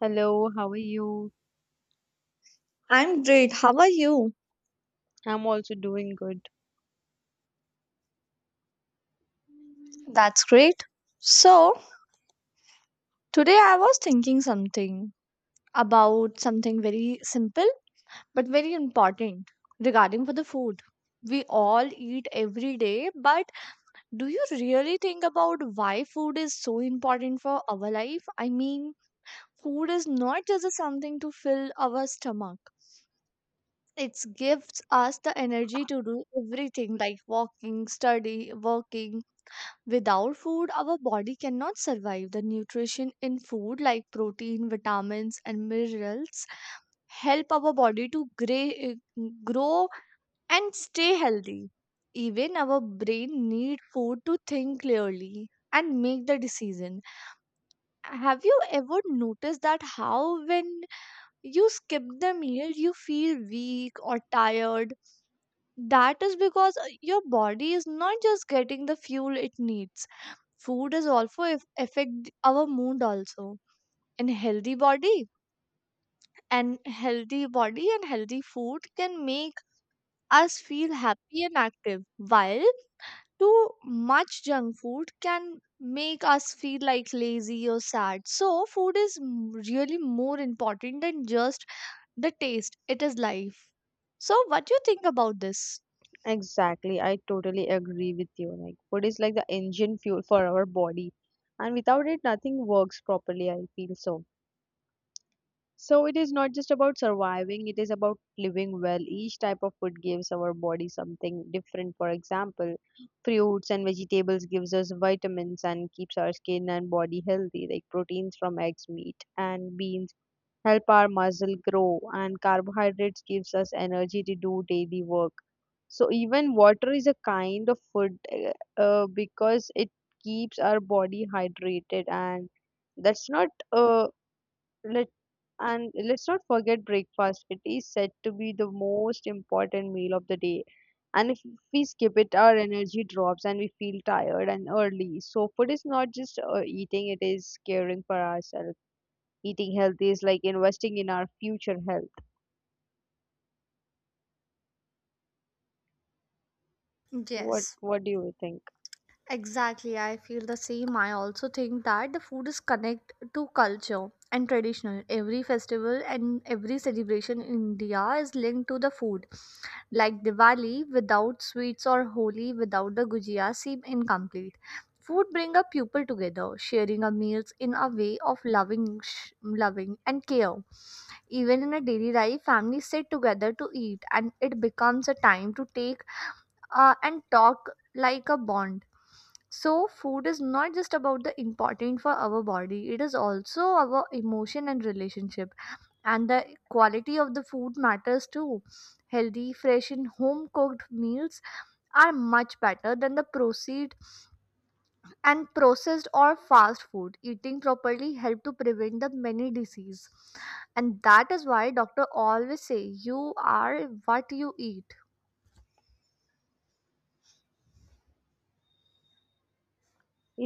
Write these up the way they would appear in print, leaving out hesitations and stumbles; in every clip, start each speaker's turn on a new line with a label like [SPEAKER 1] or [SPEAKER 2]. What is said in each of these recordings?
[SPEAKER 1] Hello, how are you?
[SPEAKER 2] I'm great. How are you?
[SPEAKER 1] I'm also doing good.
[SPEAKER 2] That's great. So, today I was thinking something about something very simple but very important regarding for the food. We all eat every day, but do you really think about why food is so important for our life? I mean, food is not just a something to fill our stomach. It gives us the energy to do everything like walking, study, working, Without food, our body cannot survive. The nutrition in food, like protein, vitamins, and minerals, help our body to grow and stay healthy. Even our brain need food to think clearly and make the decision. Have you ever noticed that how when you skip the meal, you feel weak or tired? That is because your body is not just getting the fuel it needs food is also if affect our mood also and healthy body and healthy body and healthy food can make us feel happy and active while too much junk food can make us feel like lazy or sad so food is really more important than just the taste it is life so what do you think about this?
[SPEAKER 1] Exactly, I totally agree with you. Like, food is like the engine fuel for our body, and without it, nothing works properly. I feel so. So, it is not just about surviving, it is about living well. Each type of food gives our body something different. For example, fruits and vegetables gives us vitamins and keeps our skin and body healthy, like proteins from eggs, meat, and beans help our muscle grow, and carbohydrates gives us energy to do daily work. So even water is a kind of food, because it keeps our body hydrated. And that's not. Let And let's not forget breakfast. It is said to be the most important meal of the day, and if we skip it, our energy drops and we feel tired and early. So food is not just eating, it is caring for ourselves. Eating healthy is like investing in our future health. what
[SPEAKER 2] Yes.
[SPEAKER 1] what do you think?
[SPEAKER 2] Exactly, I feel the same. I also think that the food is connect to culture and traditional. Every festival and every celebration in India is linked to the food. Like Diwali without sweets or Holi without the gujia seem incomplete. Food bring a people together, sharing a meals in a way of loving, loving and care. Even in a daily life, families sit together to eat, and it becomes a time to take and talk like a bond. So, food is not just about the important for our body, it is also our emotion and relationship. And the quality of the food matters too. Healthy, fresh, and home cooked meals are much better than the proceed and processed or fast food. Eating properly help to prevent the many disease. And that is why doctor always say you are what you eat.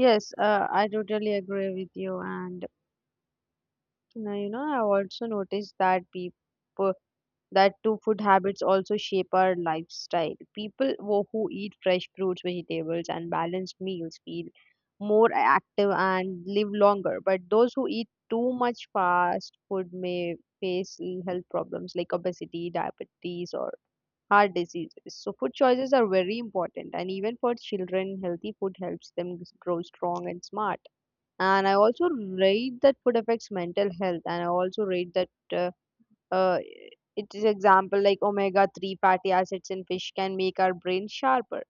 [SPEAKER 1] Yes, I totally agree with you. And now, you know, I also noticed that people, that too food habits, also shape our lifestyle. People who eat fresh fruits, vegetables, and balanced meals feel more active and live longer, but those who eat too much fast food may face health problems like obesity, diabetes, or heart diseases. So food choices are very important, and even for children, healthy food helps them grow strong and smart. And I also read that food affects mental health, and I also read that, uh, it is example like omega 3 fatty acids in fish can make our brain sharper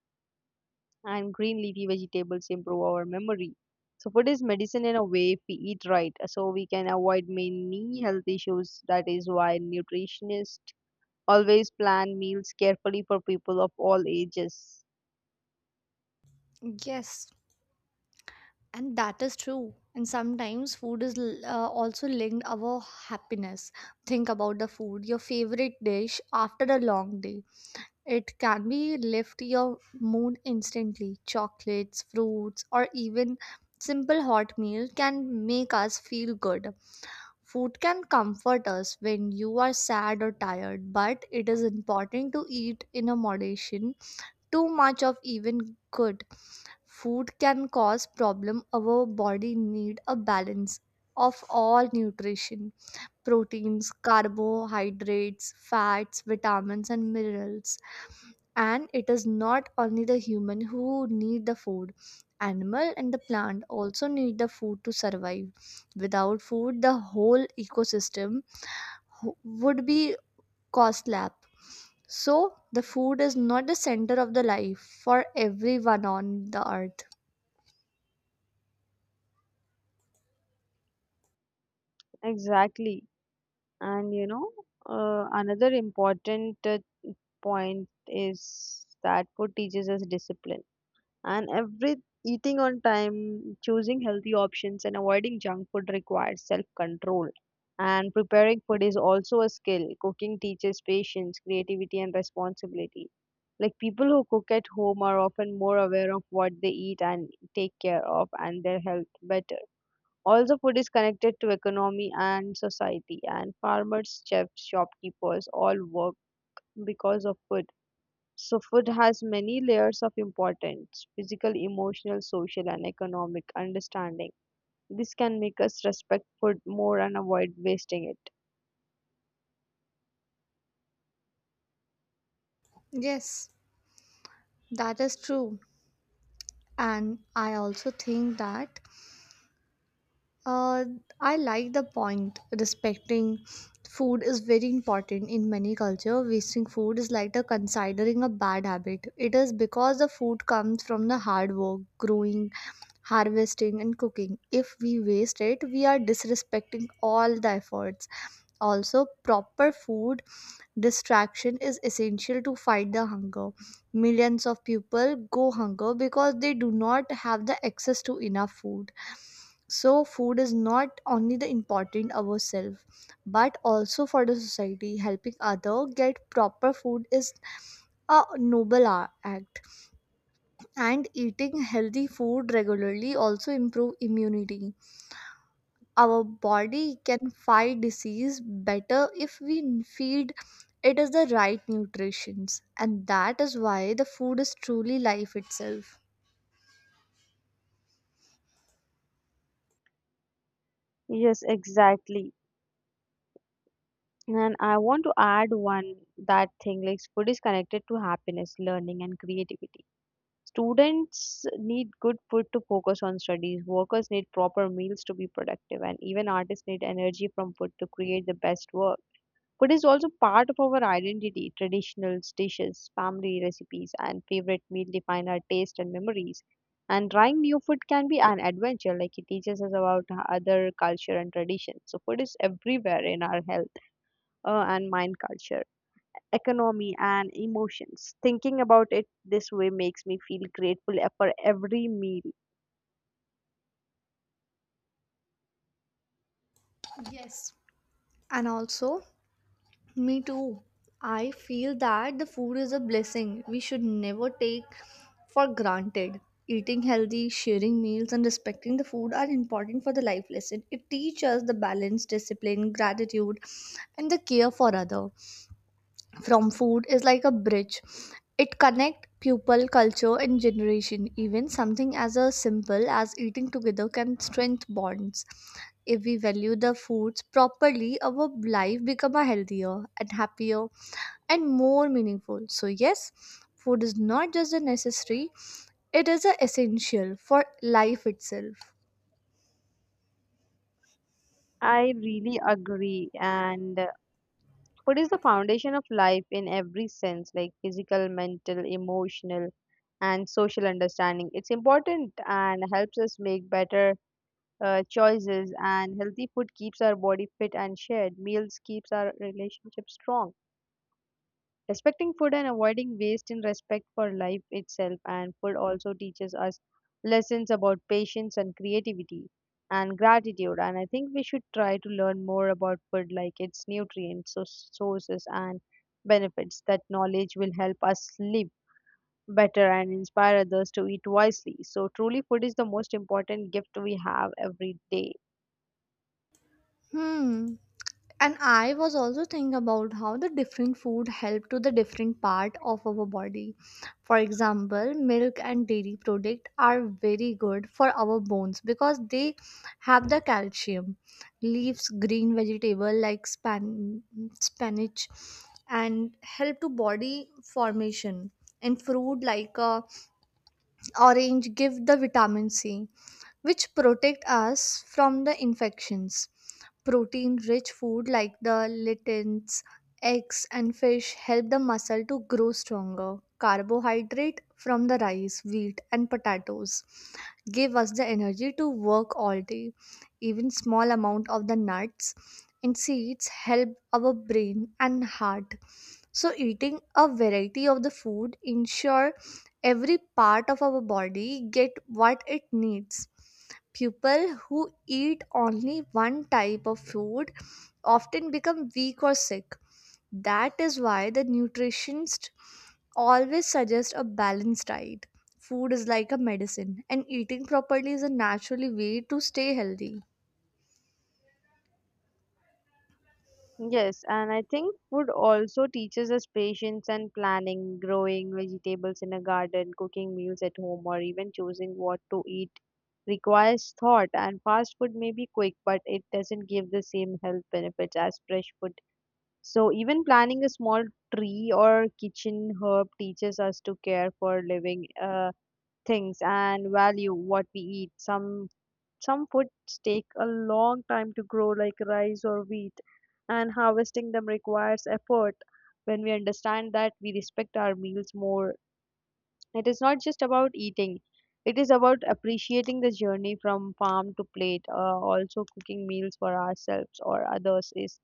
[SPEAKER 1] and green leafy vegetables improve our memory. So food is medicine in a way. If we eat right, so we can avoid many health issues. That is why nutritionists always plan meals carefully for people of all ages.
[SPEAKER 2] Yes, and that is true, and sometimes food is also linked our happiness. Think about the food your favorite dish after a long day, it can be lift your mood instantly. Chocolates, fruits, or even simple hot meal can make us feel good. Food can comfort us when you are sad or tired, but it is important to eat in a moderation. Too much of even good food can cause problem. Our body need a balance of all nutrition, proteins, carbohydrates, fats, vitamins, and minerals. And it is not only the human who need the food, animal and the plant also need the food to survive. Without food, the whole ecosystem ho- would be cost lap. So the food is not the center of the life for everyone on the earth.
[SPEAKER 1] Exactly. And you know, another important point is that food teaches us discipline. And every eating on time, choosing healthy options, and avoiding junk food requires self control. And preparing food is also a skill. Cooking teaches patience, creativity, and responsibility. Like, people who cook at home are often more aware of what they eat and take care of and their health better. Also, food is connected to economy and society, and farmers, chefs, shopkeepers all work because of food. So, food has many layers of importance: physical, emotional, social, and economic understanding. This can make us respect food more and avoid wasting it.
[SPEAKER 2] Yes, that is true. And I also think that uh, I like the point respecting food is very important in many culture. Wasting food is like the considering a bad habit. It is because the food comes from the hard work, growing, harvesting, and cooking. If we waste it, we are disrespecting all the efforts. Also, proper food distraction is essential to fight the hunger. Millions of people go hunger because they do not have the access to enough food. So food is not only the important ourselves, but also for the society. Helping other get proper food is a noble act. And eating healthy food regularly also improve immunity. Our body can fight disease better if we feed it is the right nutritions, and that is why the food is truly life itself.
[SPEAKER 1] Yes, exactly. And I want to add one that thing, like food is connected to happiness, learning, and creativity. Students need good food to focus on studies, workers need proper meals to be productive, and even artists need energy from food to create the best work. Food is also part of our identity. Traditional dishes, family recipes, and favorite meal define our taste and memories. And trying new food can be an adventure, like it teaches us about other culture and traditions. So, food is everywhere in our health, and mind, culture, economy, and emotions. Thinking about it this way makes me feel grateful for every meal.
[SPEAKER 2] Yes. And also, me too, I feel that the food is a blessing we should never take for granted. Eating healthy, sharing meals, and respecting the food are important for the life lesson. It teaches us the balance, discipline, gratitude, and the care for other. From food is like a bridge, it connects people, culture, and generation. Even something as a simple as eating together can strengthen bonds. If we value the foods properly, our life become a healthier and happier and more meaningful. So yes, food is not just a necessary, it is a essential for life itself.
[SPEAKER 1] I really agree. And food is the foundation of life in every sense, like physical, mental, emotional, and social understanding. It's important and helps us make better choices. And healthy food keeps our body fit and shared. Meals keeps our relationship strong. Respecting food and avoiding waste in respect for life itself, and food also teaches us lessons about patience and creativity and gratitude. And I think we should try to learn more about food, like its nutrients, so sources and benefits. That knowledge will help us live better and inspire others to eat wisely. So truly food is the most important gift we have every day.
[SPEAKER 2] Hmm. And I was also thinking about how the different food help to the different part of our body. For example, milk and dairy product are very good for our bones because they have the calcium. Leaves, green vegetable like spinach and help to body formation. And fruit like orange give the vitamin C which protect us from the infections. Protein rich food like the lichens, eggs, and fish help the muscle to grow stronger. Carbohydrate from the rice, wheat, and potatoes give us the energy to work all day. Even small amount of the nuts and seeds help our brain and heart, so eating a variety of the food ensure every part of our body get what it needs. People who eat only one type of food often become weak or sick. That is why the nutritionists always suggest a balanced diet. Food is like a medicine, and eating properly is a naturally way to stay healthy.
[SPEAKER 1] Yes, and I think food also teaches us patience and planning, growing vegetables in a garden, cooking meals at home, or even choosing what to eat requires thought. And fast food may be quick, but it doesn't give the same health benefits as fresh food. So, even planting a small tree or kitchen herb teaches us to care for living, things, and value what we eat. Some foods take a long time to grow, like rice or wheat, and harvesting them requires effort. When we understand that, we respect our meals more. It is not just about eating, it is about appreciating the journey from farm to plate. Also, cooking meals for ourselves or others is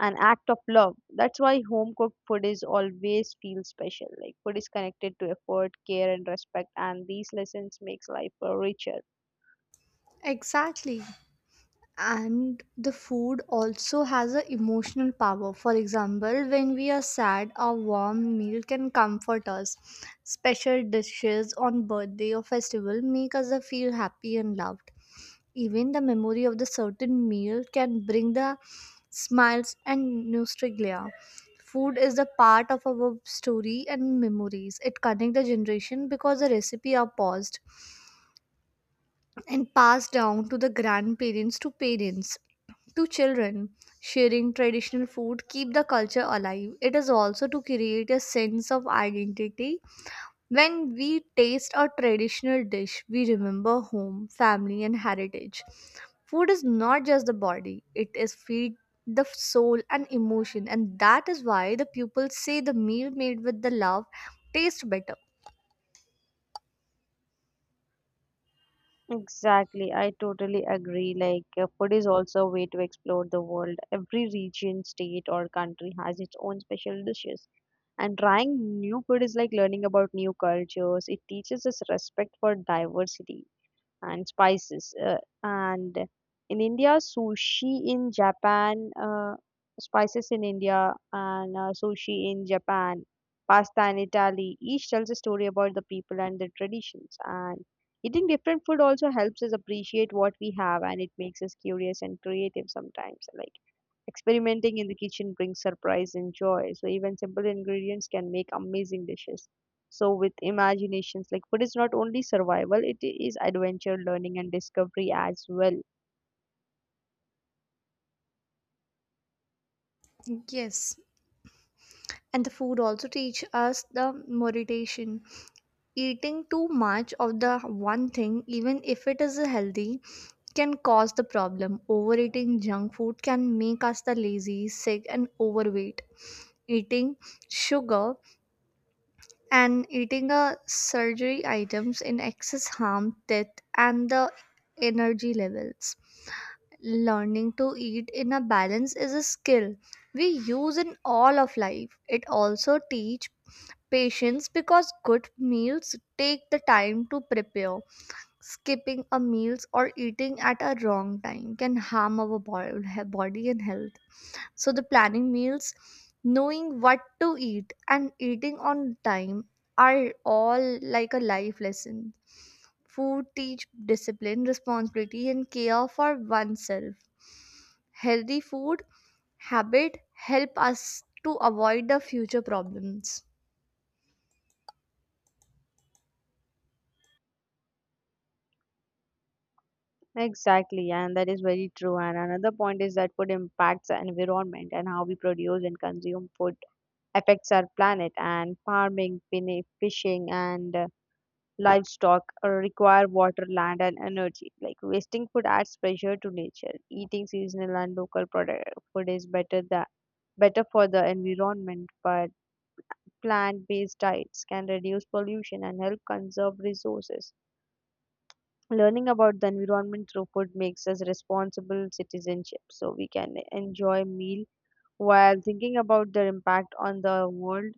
[SPEAKER 1] an act of love. That's why home cooked food is always feels special. Like, food is connected to effort, care, and respect, and these lessons makes life richer.
[SPEAKER 2] Exactly. And the food also has a emotional power. For example, when we are sad, a warm meal can comfort us. Special dishes on birthday or festival make us feel happy and loved. Even the memory of the certain meal can bring the smiles and nostalgia. Food is the part of our story and memories. It connects the generation because the recipe are paused and passed down to the grandparents, to parents, to children. Sharing traditional food keep the culture alive. It is also to create a sense of identity. When we taste a traditional dish, we remember home, family, and heritage. Food is not just the body, it is feed the soul and emotion, and that is why the people say the meal made with the love tastes better.
[SPEAKER 1] Exactly, I totally agree. Like, food is also a way to explore the world. Every region, state, or country has its own special dishes. And trying new food is like learning about new cultures. It teaches us respect for diversity and spices. And in India, sushi in Japan, spices in India, and sushi in Japan, pasta in Italy. Each tells a story about the people and their traditions. And eating different food also helps us appreciate what we have, and it makes us curious and creative sometimes. Like, experimenting in the kitchen brings surprise and joy. So even simple ingredients can make amazing dishes. So with imaginations, like food is not only survival, it is adventure, learning, and discovery as well.
[SPEAKER 2] Yes. And the food also teach us the meditation. Eating too much of the one thing, even if it is healthy, can cause the problem. Overeating junk food can make us the lazy, sick, and overweight. Eating sugar and eating a surgery items in excess harm death and the energy levels. Learning to eat in a balance is a skill we use in all of life. It also teach patience because good meals take the time to prepare. Skipping a meal or eating at a wrong time can harm our body and health. So, the planning meals, knowing what to eat, and eating on time are all like a life lesson. Food teach discipline, responsibility, and care for oneself. Healthy food habit help us to avoid the future problems.
[SPEAKER 1] Exactly, and that is very true. And another point is that food impacts the environment, and how we produce and consume food affects our planet. And farming, fishing, and livestock require water, land, and energy. Like, wasting food adds pressure to nature. Eating seasonal and local product food is better for the environment, but plant-based diets can reduce pollution and help conserve resources. Learning about the environment through food makes us responsible citizenship, so we can enjoy meal while thinking about their impact on the world.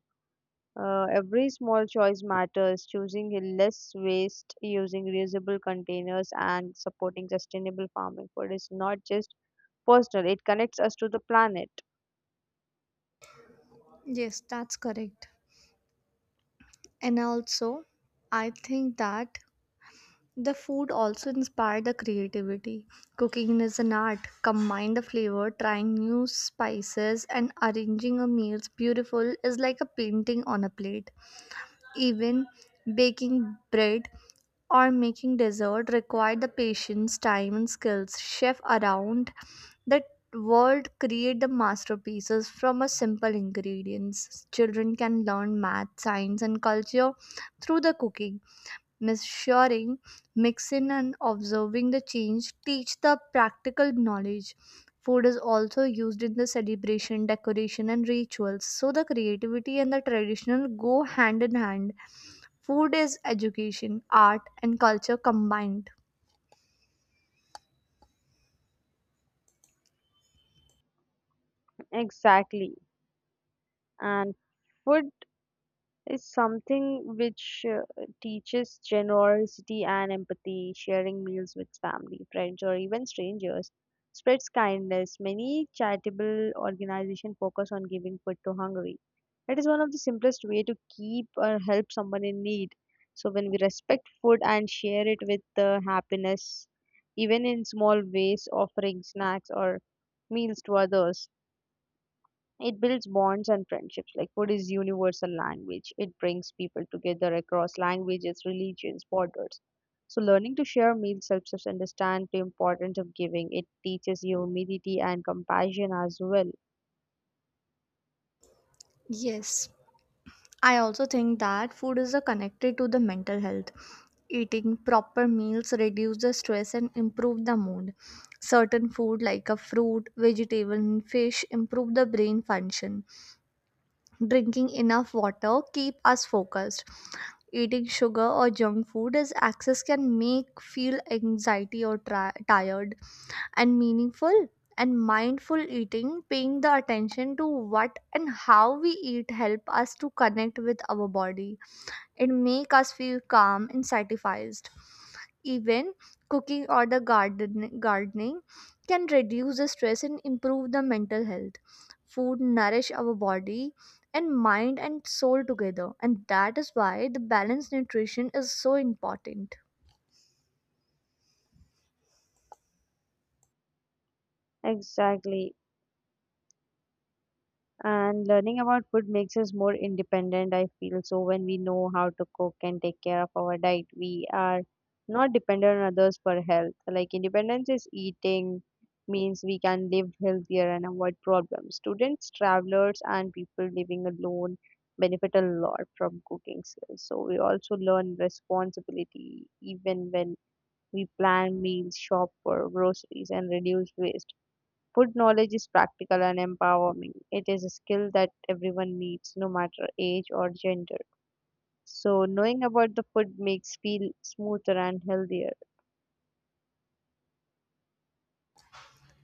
[SPEAKER 1] Every small choice matters. Choosing less waste, using reusable containers, and supporting sustainable farming. Food is not just personal, it connects us to the planet.
[SPEAKER 2] Yes, that's correct. And also, I think that the food also inspired the creativity. Cooking is an art. Combine the flavor, trying new spices, and arranging a meal's beautiful is like a painting on a plate. Even baking bread or making dessert require the patience, time, and skills. Chef around that world create the masterpieces from a simple ingredients. Children can learn math, science, and culture through the cooking. Measuring, mixing, and observing the change teach the practical knowledge. Food is also used in the celebration, decoration, and rituals, so the creativity and the traditional go hand in hand. Food is education, art, and culture combined.
[SPEAKER 1] Exactly. And food is something which teaches generosity and empathy. Sharing meals with family, friends, or even strangers spreads kindness. Many charitable organizations focus on giving food to hungry. It is one of the simplest way to keep or help someone in need. So when we respect food and share it with happiness, even in small ways, offering snacks or meals to others, it builds bonds and friendships. Like, food is universal language. It brings people together across languages, religions, borders. So learning to share meals helps us understand the importance of giving. It teaches humility and compassion as well.
[SPEAKER 2] Yes. I also think that food is a connected to the mental health. Eating proper meals reduce the stress and improve the mood. Certain food like a fruit, vegetable, and fish improve the brain function. Drinking enough water keep us focused. Eating sugar or junk food as excess can make feel anxiety or tired, and meaningful and mindful eating, paying the attention to what and how we eat, help us to connect with our body. It make us feel calm and satisfied. Even cooking or the gardening can reduce the stress and improve the mental health. Food nourish our body and mind and soul together, and that is why the balanced nutrition is so important.
[SPEAKER 1] Exactly. And learning about food makes us more independent, I feel. So when we know how to cook and take care of our diet, we are not dependent on others for health. Like, independence is eating means we can live healthier and avoid problems. Students, travelers, and people living alone benefit a lot from cooking skills. So we also learn responsibility even when we plan meals, shop for groceries, and reduce waste. Food knowledge is practical and empowering. It is a skill that everyone needs, no matter age or gender. So, knowing about the food makes feel smoother and healthier.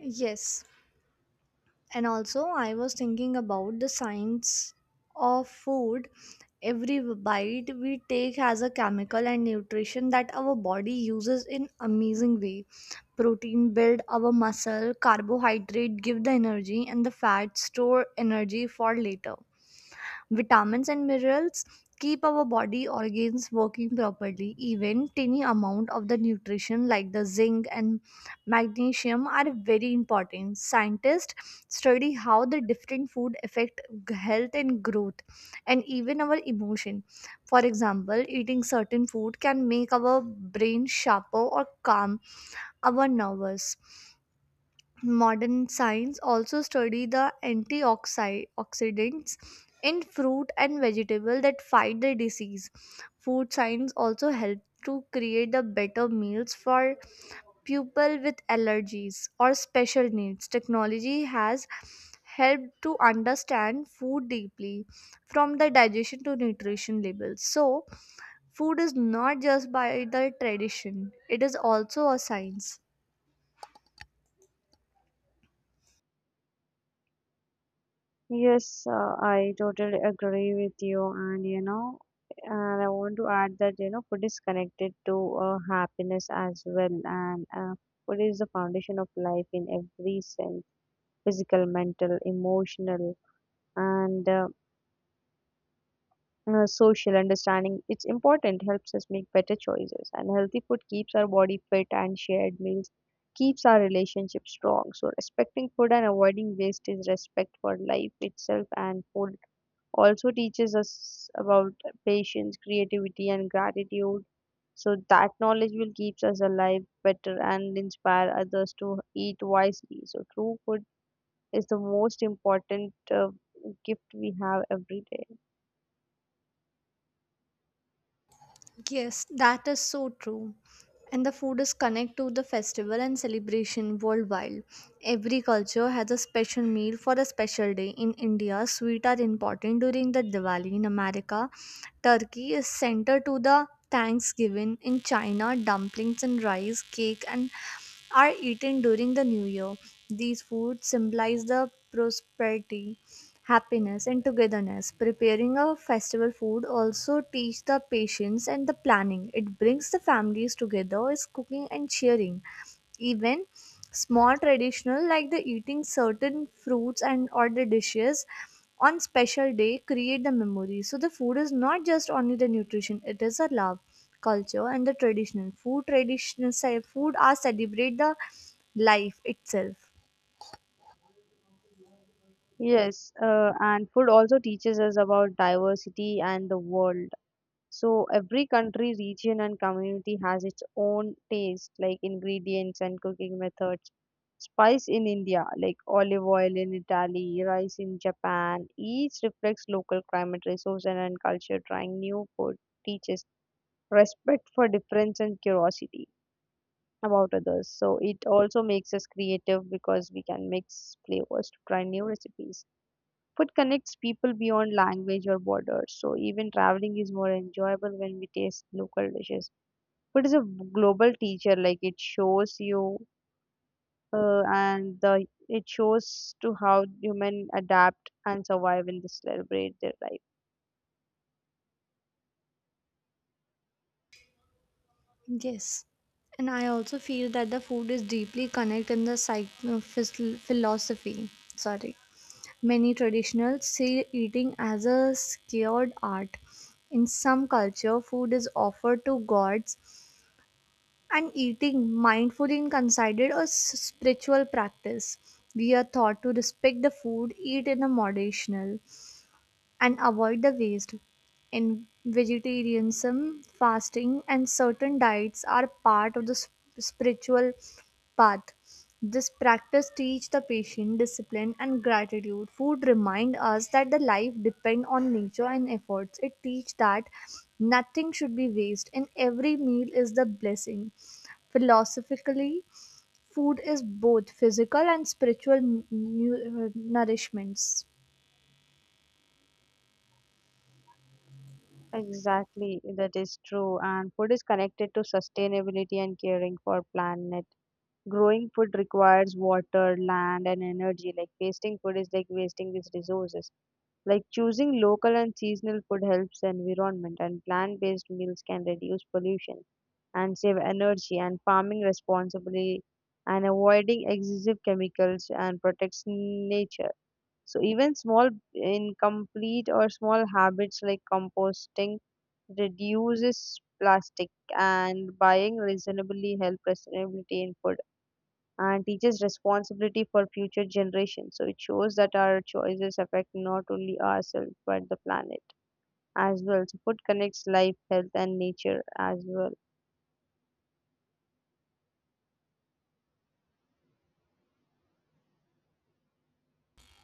[SPEAKER 2] Yes, and also, I was thinking about the science of food. Every bite we take has a chemical and nutrition that our body uses in amazing way. Protein build our muscle, carbohydrate give the energy, and the fat store energy for later. Vitamins and minerals keep our body organs working properly. Even tiny amount of the nutrition like the zinc and magnesium are very important. Scientists study how the different food affect health and growth and even our emotion. For example, eating certain food can make our brain sharper or calm our nervous. Modern science also study the antioxidants in fruit and vegetable that fight the disease. Food science also help to create the better meals for people with allergies or special needs. Technology has helped to understand food deeply from the digestion to nutrition labels. So, food is not just by the tradition, it is also a science.
[SPEAKER 1] Yes, I totally agree with you, and you know, and I want to add that you know, food is connected to happiness as well, and food is the foundation of life in every sense, physical, mental, emotional, and social understanding. It's important, helps us make better choices, and healthy food keeps our body fit and shared meals keeps our relationship strong. So respecting food and avoiding waste is respect for life itself, and food also teaches us about patience, creativity, and gratitude. So that knowledge will keeps us alive better and inspire others to eat wisely. So true food is the most important gift we have every day.
[SPEAKER 2] Yes, that is so true. And the food is connected to the festival and celebration worldwide. Every culture has a special meal for a special day. In India, sweets are important during the Diwali. In America, turkey is centered to the Thanksgiving. In China, dumplings and rice, cake, and are eaten during the new year. These foods symbolize the prosperity, happiness, and togetherness. Preparing a festival food also teaches the patience and the planning. It brings the families together, is cooking and sharing. Even small traditional like the eating certain fruits and or the dishes on special day create the memory. So the food is not just only the nutrition, it is a love, culture, and the traditional food traditional food are celebrate the life itself.
[SPEAKER 1] Yes, and food also teaches us about diversity and the world. So every country, region, and community has its own taste, like ingredients and cooking methods. Spice in India, like olive oil in Italy, rice in Japan, each reflects local climate, resources, and culture. Trying new food teaches respect for difference and curiosity about others. So it also makes us creative because we can mix flavors to try new recipes. Food connects people beyond language or borders, so even traveling is more enjoyable when we taste local dishes. Food is a global teacher, like it shows you, and the it shows to how human adapt and survive and celebrate their life.
[SPEAKER 2] Yes. And I also feel that the food is deeply connected in the philosophy. Sorry. Many traditionals see eating as a scared art. In some culture, food is offered to gods, and eating mindfully is considered a spiritual practice. We are taught to respect the food, eat in a moderation, and avoid the waste. In vegetarianism, fasting and certain diets are part of the spiritual path. This practice teach the patient discipline and gratitude. Food remind us that the life depend on nature and efforts. It teach that nothing should be waste and every meal is the blessing. Philosophically, food is both physical and spiritual nourishments.
[SPEAKER 1] Exactly, that is true. And food is connected to sustainability and caring for planet. Growing food requires water, land, and energy. Like, wasting food is like wasting these resources. Like, choosing local and seasonal food helps the environment, and plant-based meals can reduce pollution and save energy. And farming responsibly and avoiding excessive chemicals and protects nature. So even small incomplete or small habits like composting reduces plastic and buying reasonably help sustainability in food and teaches responsibility for future generations. So it shows that our choices affect not only ourselves but the planet as well. So food connects life, health, and nature as well.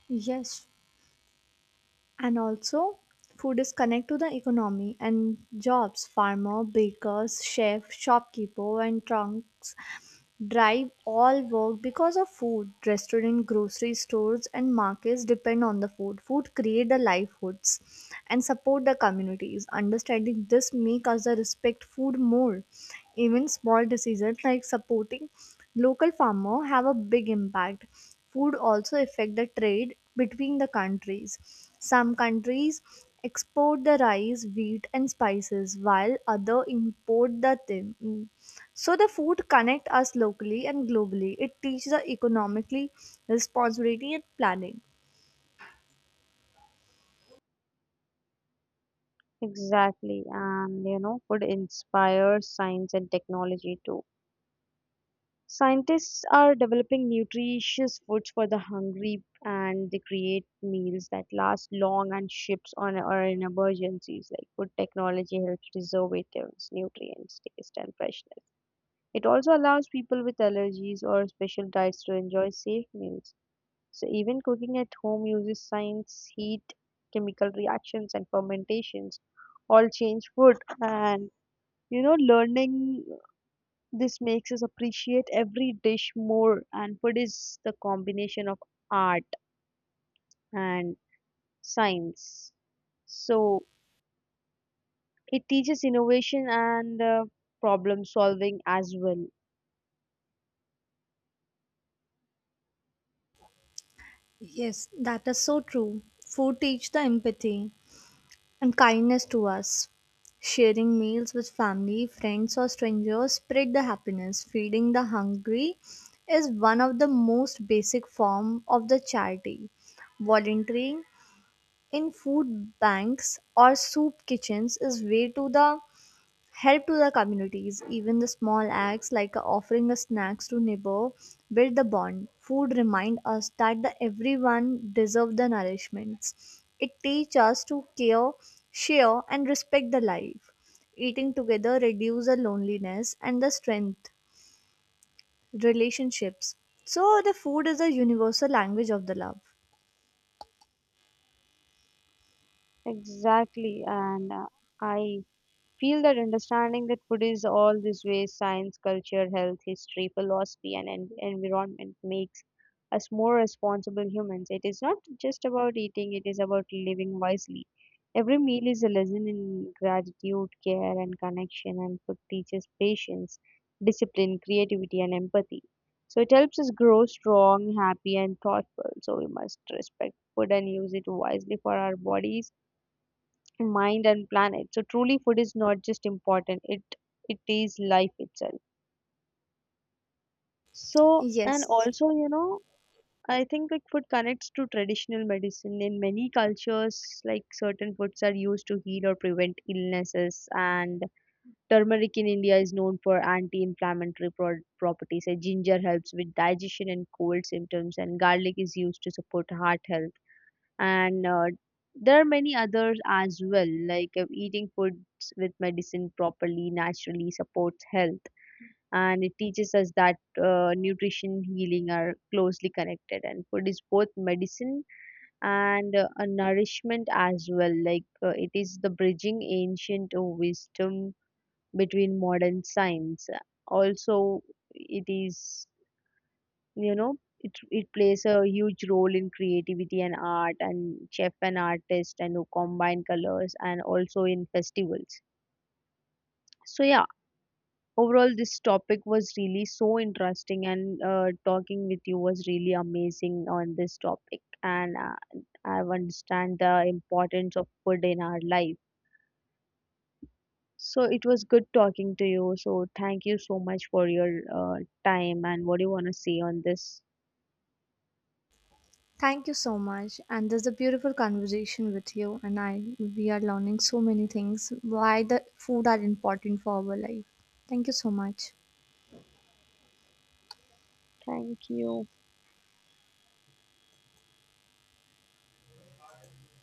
[SPEAKER 2] Yes, and also food is connect to the economy and jobs. Farmer, bakers, chef, shopkeeper, and trunks drive all work because of food. Restaurant, grocery stores, and markets depend on the food. Food create the livelihoods and support the communities. Understanding this make us the respect food more. Even small decisions like supporting local farmer have a big impact. Food also affect the trade between the countries. Some countries export the rice, wheat, and spices while other import the them. So the food connect us locally and globally. It teaches us economically responsibility and planning.
[SPEAKER 1] Exactly, and you know, food inspires science and technology too. Scientists are developing nutritious foods for the hungry, and they create meals that last long and ships on or in emergencies. Like, food technology helps preservatives, nutrients, taste, and freshness. It also allows people with allergies or special diets to enjoy safe meals. So, even cooking at home uses science. Heat, chemical reactions, and fermentations all change food. And you know, learning this makes us appreciate every dish more. And food is the combination of art and science. So, it teaches innovation and problem solving as well.
[SPEAKER 2] Yes, that is so true. Food teach the empathy and kindness to us. Sharing meals with family, friends, or strangers spread the happiness. Feeding the hungry is one of the most basic form of the charity. Volunteering in food banks or soup kitchens is way to the help to the communities. Even the small acts like offering the snacks to neighbor build the bond. Food remind us that the everyone deserve the nourishments. It teach us to care, share, and respect the life. Eating together reduce the loneliness and the strength relationships. So the food is a universal language of the love.
[SPEAKER 1] Exactly. And I feel that understanding that food is all these ways, science, culture, health, history, philosophy, and environment makes us more responsible humans. It is not just about eating, it is about living wisely. Every meal is a lesson in gratitude, care, and connection, and food teaches patience, discipline, creativity, and empathy. So it helps us grow strong, happy, and thoughtful. So we must respect food and use it wisely for our bodies, mind, and planet. So truly food is not just important, it is life itself. So and
[SPEAKER 2] Yes.
[SPEAKER 1] also, you know, I think like food connects to traditional medicine in many cultures, like certain foods are used to heal or prevent illnesses. And turmeric in India is known for anti-inflammatory properties, and ginger helps with digestion and cold symptoms, and garlic is used to support heart health. And there are many others as well, like eating foods with medicine properly naturally supports health. And it teaches us that nutrition healing are closely connected, and food is both medicine and a nourishment as well. Like, it is the bridging ancient wisdom between modern science. Also, it is, you know, it plays a huge role in creativity and art and chef and artist and who combine colors, and also in festivals. So yeah, overall this topic was really so interesting, and talking with you was really amazing on this topic. And I understand the importance of food in our life. So it was good talking to you. So thank you so much for your time. And what do you want to say on this?
[SPEAKER 2] Thank you so much. And this is a beautiful conversation with you. And I we are learning so many things why the food are important for our life. Thank you so much.
[SPEAKER 1] Thank you.